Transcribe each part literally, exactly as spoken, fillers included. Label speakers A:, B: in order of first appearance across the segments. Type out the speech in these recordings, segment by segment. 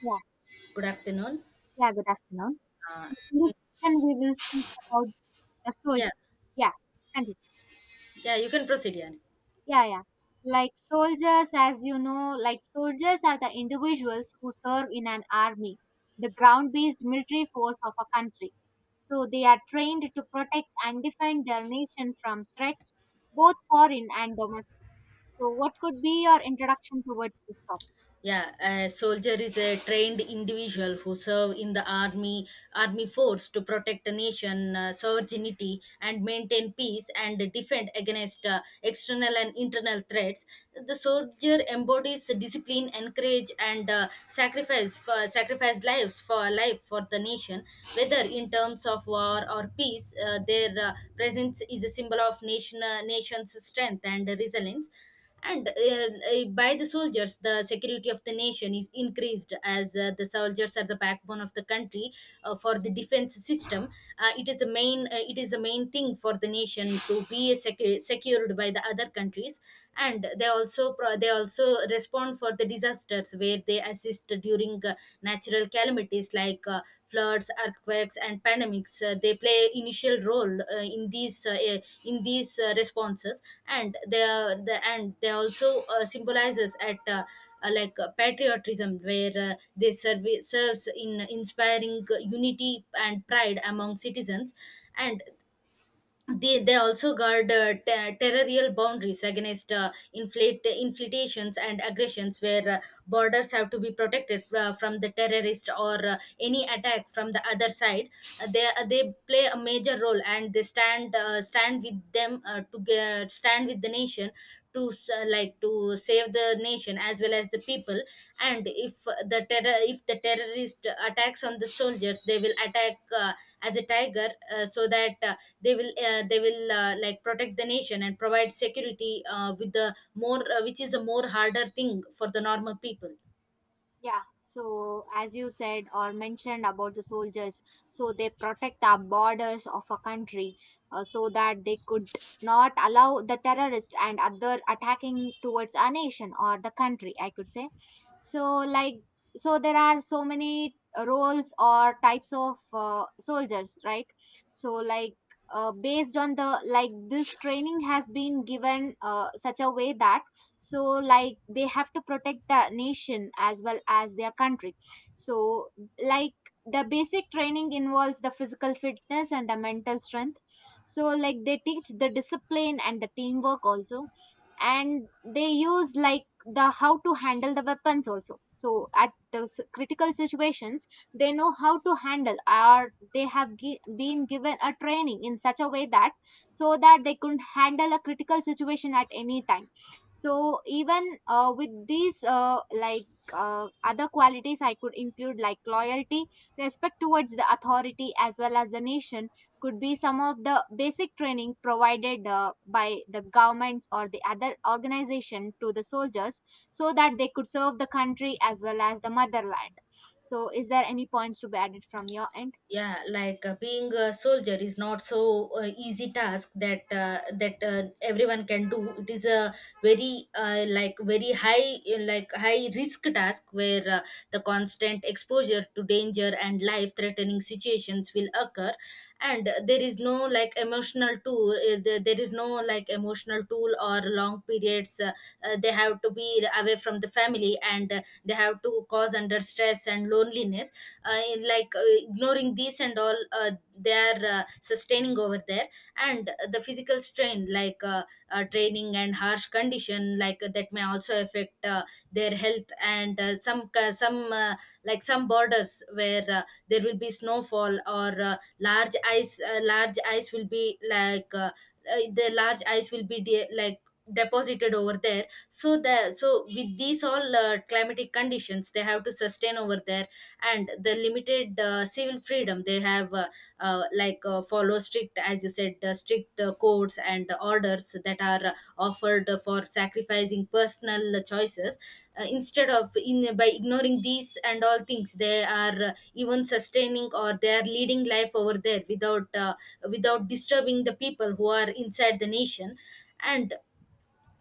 A: Yeah,
B: Good afternoon.
A: yeah, good afternoon.
B: Uh,
A: In this session, we will speak about the soldier.
B: yeah,
A: Yeah, continue.
B: yeah, you can proceed, yeah.
A: Yeah, yeah. Like soldiers, as you know, like soldiers are the individuals who serve in an army, the ground based military force of a country. So they are trained to protect and defend their nation from threats, both foreign and domestic. So, what could be your introduction towards this topic?
B: Yeah, a soldier is a trained individual who serve in the army army force to protect the nation uh, sovereignty and maintain peace and defend against uh, external and internal threats. The soldier embodies discipline, encourage and uh, sacrifice for sacrifice lives for life for the nation, whether in terms of war or peace. Uh, their uh, presence is a symbol of nation uh, nation's strength and resilience and uh, uh, by the soldiers, the security of the nation is increased, as uh, the soldiers are the backbone of the country uh, for the defense system. Uh, it is the main uh, it is the main thing for the nation to be secu- secured by the other countries. And they also pro- they also respond for the disasters, where they assist during uh, natural calamities like uh, floods, earthquakes, and pandemics. Uh, they play initial role uh, in these uh, eh, in these uh, responses, and they are- the and they also uh, symbolizes at. Uh, uh, like uh, patriotism, where uh, they serve serves in inspiring unity and pride among citizens. And they, they also guard uh, ter- territorial boundaries against uh, inflate, infiltrations and aggressions, where uh, borders have to be protected uh, from the terrorist or uh, any attack from the other side. Uh, they uh, they play a major role and they stand uh, stand with them uh, to ge- stand with the nation to s- like to save the nation as well as the people. And if the terror if the terrorist attacks on the soldiers, they will attack uh, as a tiger, uh, so that uh, they will uh, they will uh, like protect the nation and provide security uh, with the more uh, which is a more harder thing for the normal people.
A: Yeah, so as you said or mentioned about the soldiers, so they protect our borders of a country, uh, so that they could not allow the terrorists and other attacking towards our nation or the country, I could say. So, like, so there are so many roles or types of uh, soldiers, right? So, like, uh, based on the like this training has been given uh, such a way that so like they have to protect the nation as well as their country, so like the basic training involves the physical fitness and the mental strength, so like they teach the discipline and the teamwork also, and they use like the how to handle the weapons also so at the s- critical situations they know how to handle or they have gi- been given a training in such a way that so that they could handle a critical situation at any time. So even uh, with these uh, like uh, other qualities I could include like loyalty, respect towards the authority as well as the nation, could be some of the basic training provided uh, by the governments or the other organization to the soldiers so that they could serve the country as well as the motherland. So is there any points to be added from your end?
B: Yeah, like uh, being a soldier is not so uh, easy task that uh, that uh, everyone can do. It is a very uh, like very high uh, like high risk task, where uh, the constant exposure to danger and life threatening situations will occur. And there is no like emotional tool uh, there there is no like emotional tool or long periods. Uh, uh, they have to be away from the family, and uh, they have to cause under stress and loneliness. Uh, in like uh, ignoring these and all, uh, they are uh, sustaining over there. And the physical strain, like uh, uh, training and harsh condition, like uh, that may also affect uh, their health. And uh, some ca- some uh, like some borders where uh, there will be snowfall or uh, large ice uh, large ice will be like uh, uh, the large ice will be de- like deposited over there. So the so with these all uh, climatic conditions, they have to sustain over there. And the limited uh, civil freedom they have, uh, uh, like uh, follow strict, as you said, uh, strict uh, codes and orders that are uh, offered for sacrificing personal choices. Uh, instead of in, by ignoring these and all things, they are uh, even sustaining, or they are leading life over there without uh, without disturbing the people who are inside the nation. and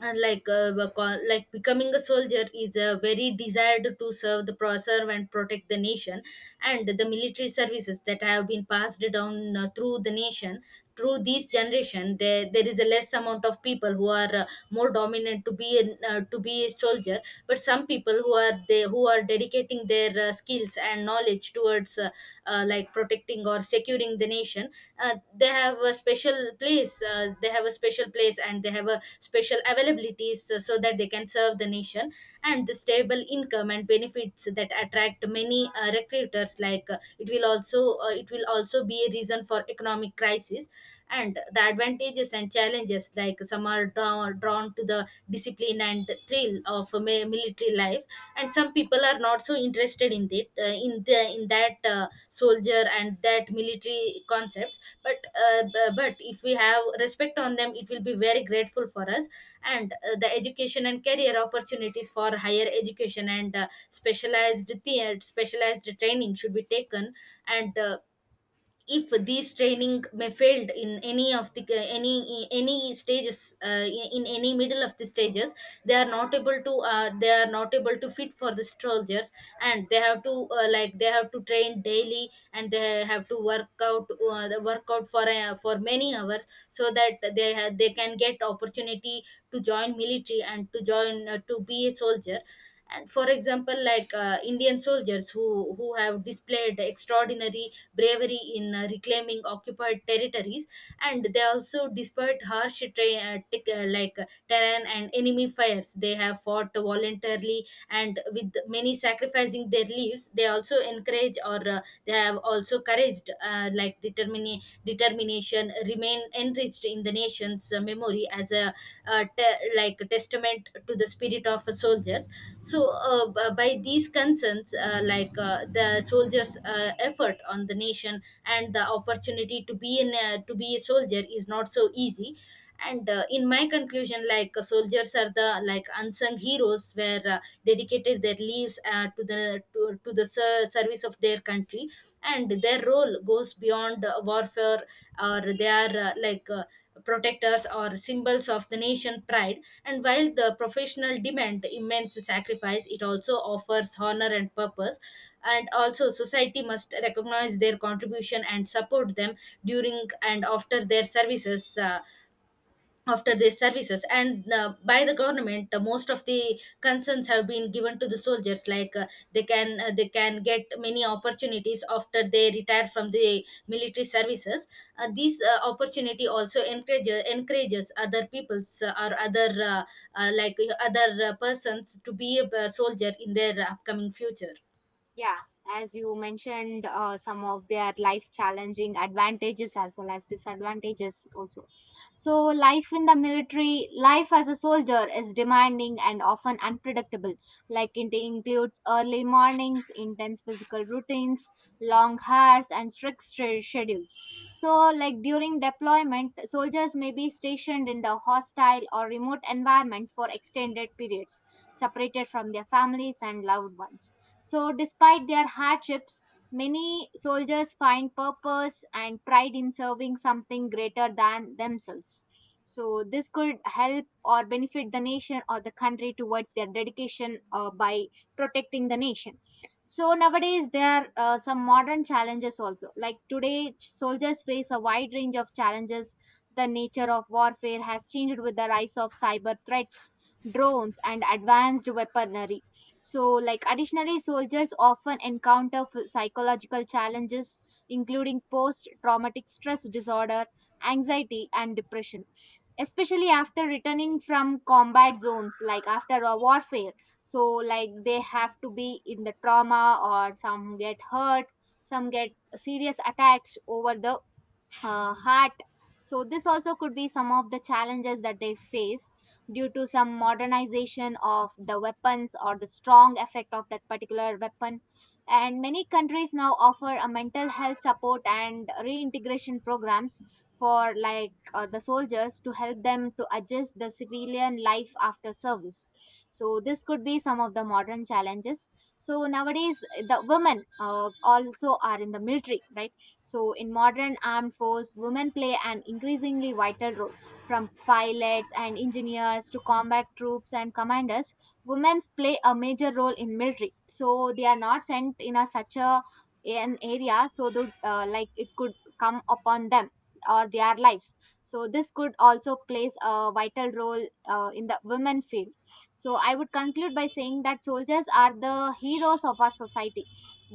B: and like uh, we call- like becoming a soldier is a very desired to serve the pro- serve and protect the nation. And the military services that have been passed down uh, through the nation through this generation, there, there is a less amount of people who are uh, more dominant to be an, uh, to be a soldier. But some people who are they who are dedicating their uh, skills and knowledge towards uh, uh, like protecting or securing the nation, uh, they have a special place uh, they have a special place, and they have a special availabilities, uh, so that they can serve the nation. And the stable income and benefits that attract many uh, recruiters, like uh, it will also uh, it will also be a reason for economic crisis. And the advantages and challenges, like some are draw, drawn to the discipline and thrill of a mi- military life, and some people are not so interested in it uh, in the in that uh, soldier and that military concept. But uh, b- but if we have respect on them, it will be very grateful for us. And uh, the education and career opportunities for higher education and uh, specialized the- specialized training should be taken. And uh, if these training may failed in any of the any any stages, uh, in any middle of the stages, they are not able to uh, they are not able to fit for the soldiers. And they have to uh, like they have to train daily, and they have to work out, uh, the work out for uh, for many hours, so that they ha- they can get opportunity to join military, and to join uh, to be a soldier. And for example, like uh, indian soldiers who who have displayed extraordinary bravery in uh, reclaiming occupied territories. And they also, despite harsh tra- uh, tic- uh, like uh, terrain and enemy fires, they have fought voluntarily, and with many sacrificing their lives, they also encourage, or uh, they have also also encouraged uh, like determini- determination remain enriched in the nation's uh, memory as a uh, te- like testament to the spirit of uh, soldiers. So uh, b- by these concerns, uh, like uh, the soldiers uh, effort on the nation, and the opportunity to be in a, to be a soldier is not so easy. And uh, in my conclusion, like uh, soldiers are the like unsung heroes, where uh, dedicated their lives uh, to the to, to the ser- service of their country. And their role goes beyond uh, warfare, or they are uh, like uh, protectors or symbols of the nation pride. And while the professional demand immense sacrifice, it also offers honor and purpose. And also society must recognize their contribution and support them during and after their services. uh, after their services and uh, by the government, uh, most of the concerns have been given to the soldiers, like uh, they can uh, they can get many opportunities after they retire from the military services. Uh, this uh, opportunity also encourages encourages other peoples, uh, or other uh, uh, like uh, other uh, persons to be a uh, soldier in their upcoming future.
A: Yeah, as you mentioned, uh, some of their life challenging advantages as well as disadvantages also. So, life in the military, life as a soldier is demanding and often unpredictable. Like it includes early mornings, intense physical routines, long hours, and strict stre- schedules. So, like during deployment, soldiers may be stationed in the hostile or remote environments for extended periods, separated from their families and loved ones. So, despite their hardships, many soldiers find purpose and pride in serving something greater than themselves. So, this could help or benefit the nation or the country towards their dedication uh, by protecting the nation. So, nowadays, there are uh, some modern challenges also. Like today, ch- soldiers face a wide range of challenges. The nature of warfare has changed with the rise of cyber threats, drones, and advanced weaponry. So, like, additionally, soldiers often encounter f- psychological challenges, including post traumatic stress disorder, anxiety, and depression, especially after returning from combat zones, like after a warfare. So, like, they have to be in the trauma, or some get hurt, some get serious attacks over the uh, heart. So this also could be some of the challenges that they face due to some modernization of the weapons or the strong effect of that particular weapon. And many countries now offer a mental health support and reintegration programs for like uh, the soldiers to help them to adjust the civilian life after service. So this could be some of the modern challenges. So nowadays the women uh, also are in the military, right? So, in modern armed force, women play an increasingly vital role. From pilots and engineers to combat troops and commanders, women play a major role in military. So, they are not sent in a such a an area so that uh, like it could come upon them or their lives. So, this could also plays a vital role uh, in the women field. So, I would conclude by saying that soldiers are the heroes of our society,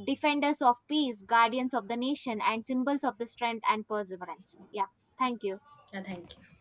A: defenders of peace, guardians of the nation, and symbols of the strength and perseverance. Yeah, thank you.
B: Yeah, thank you.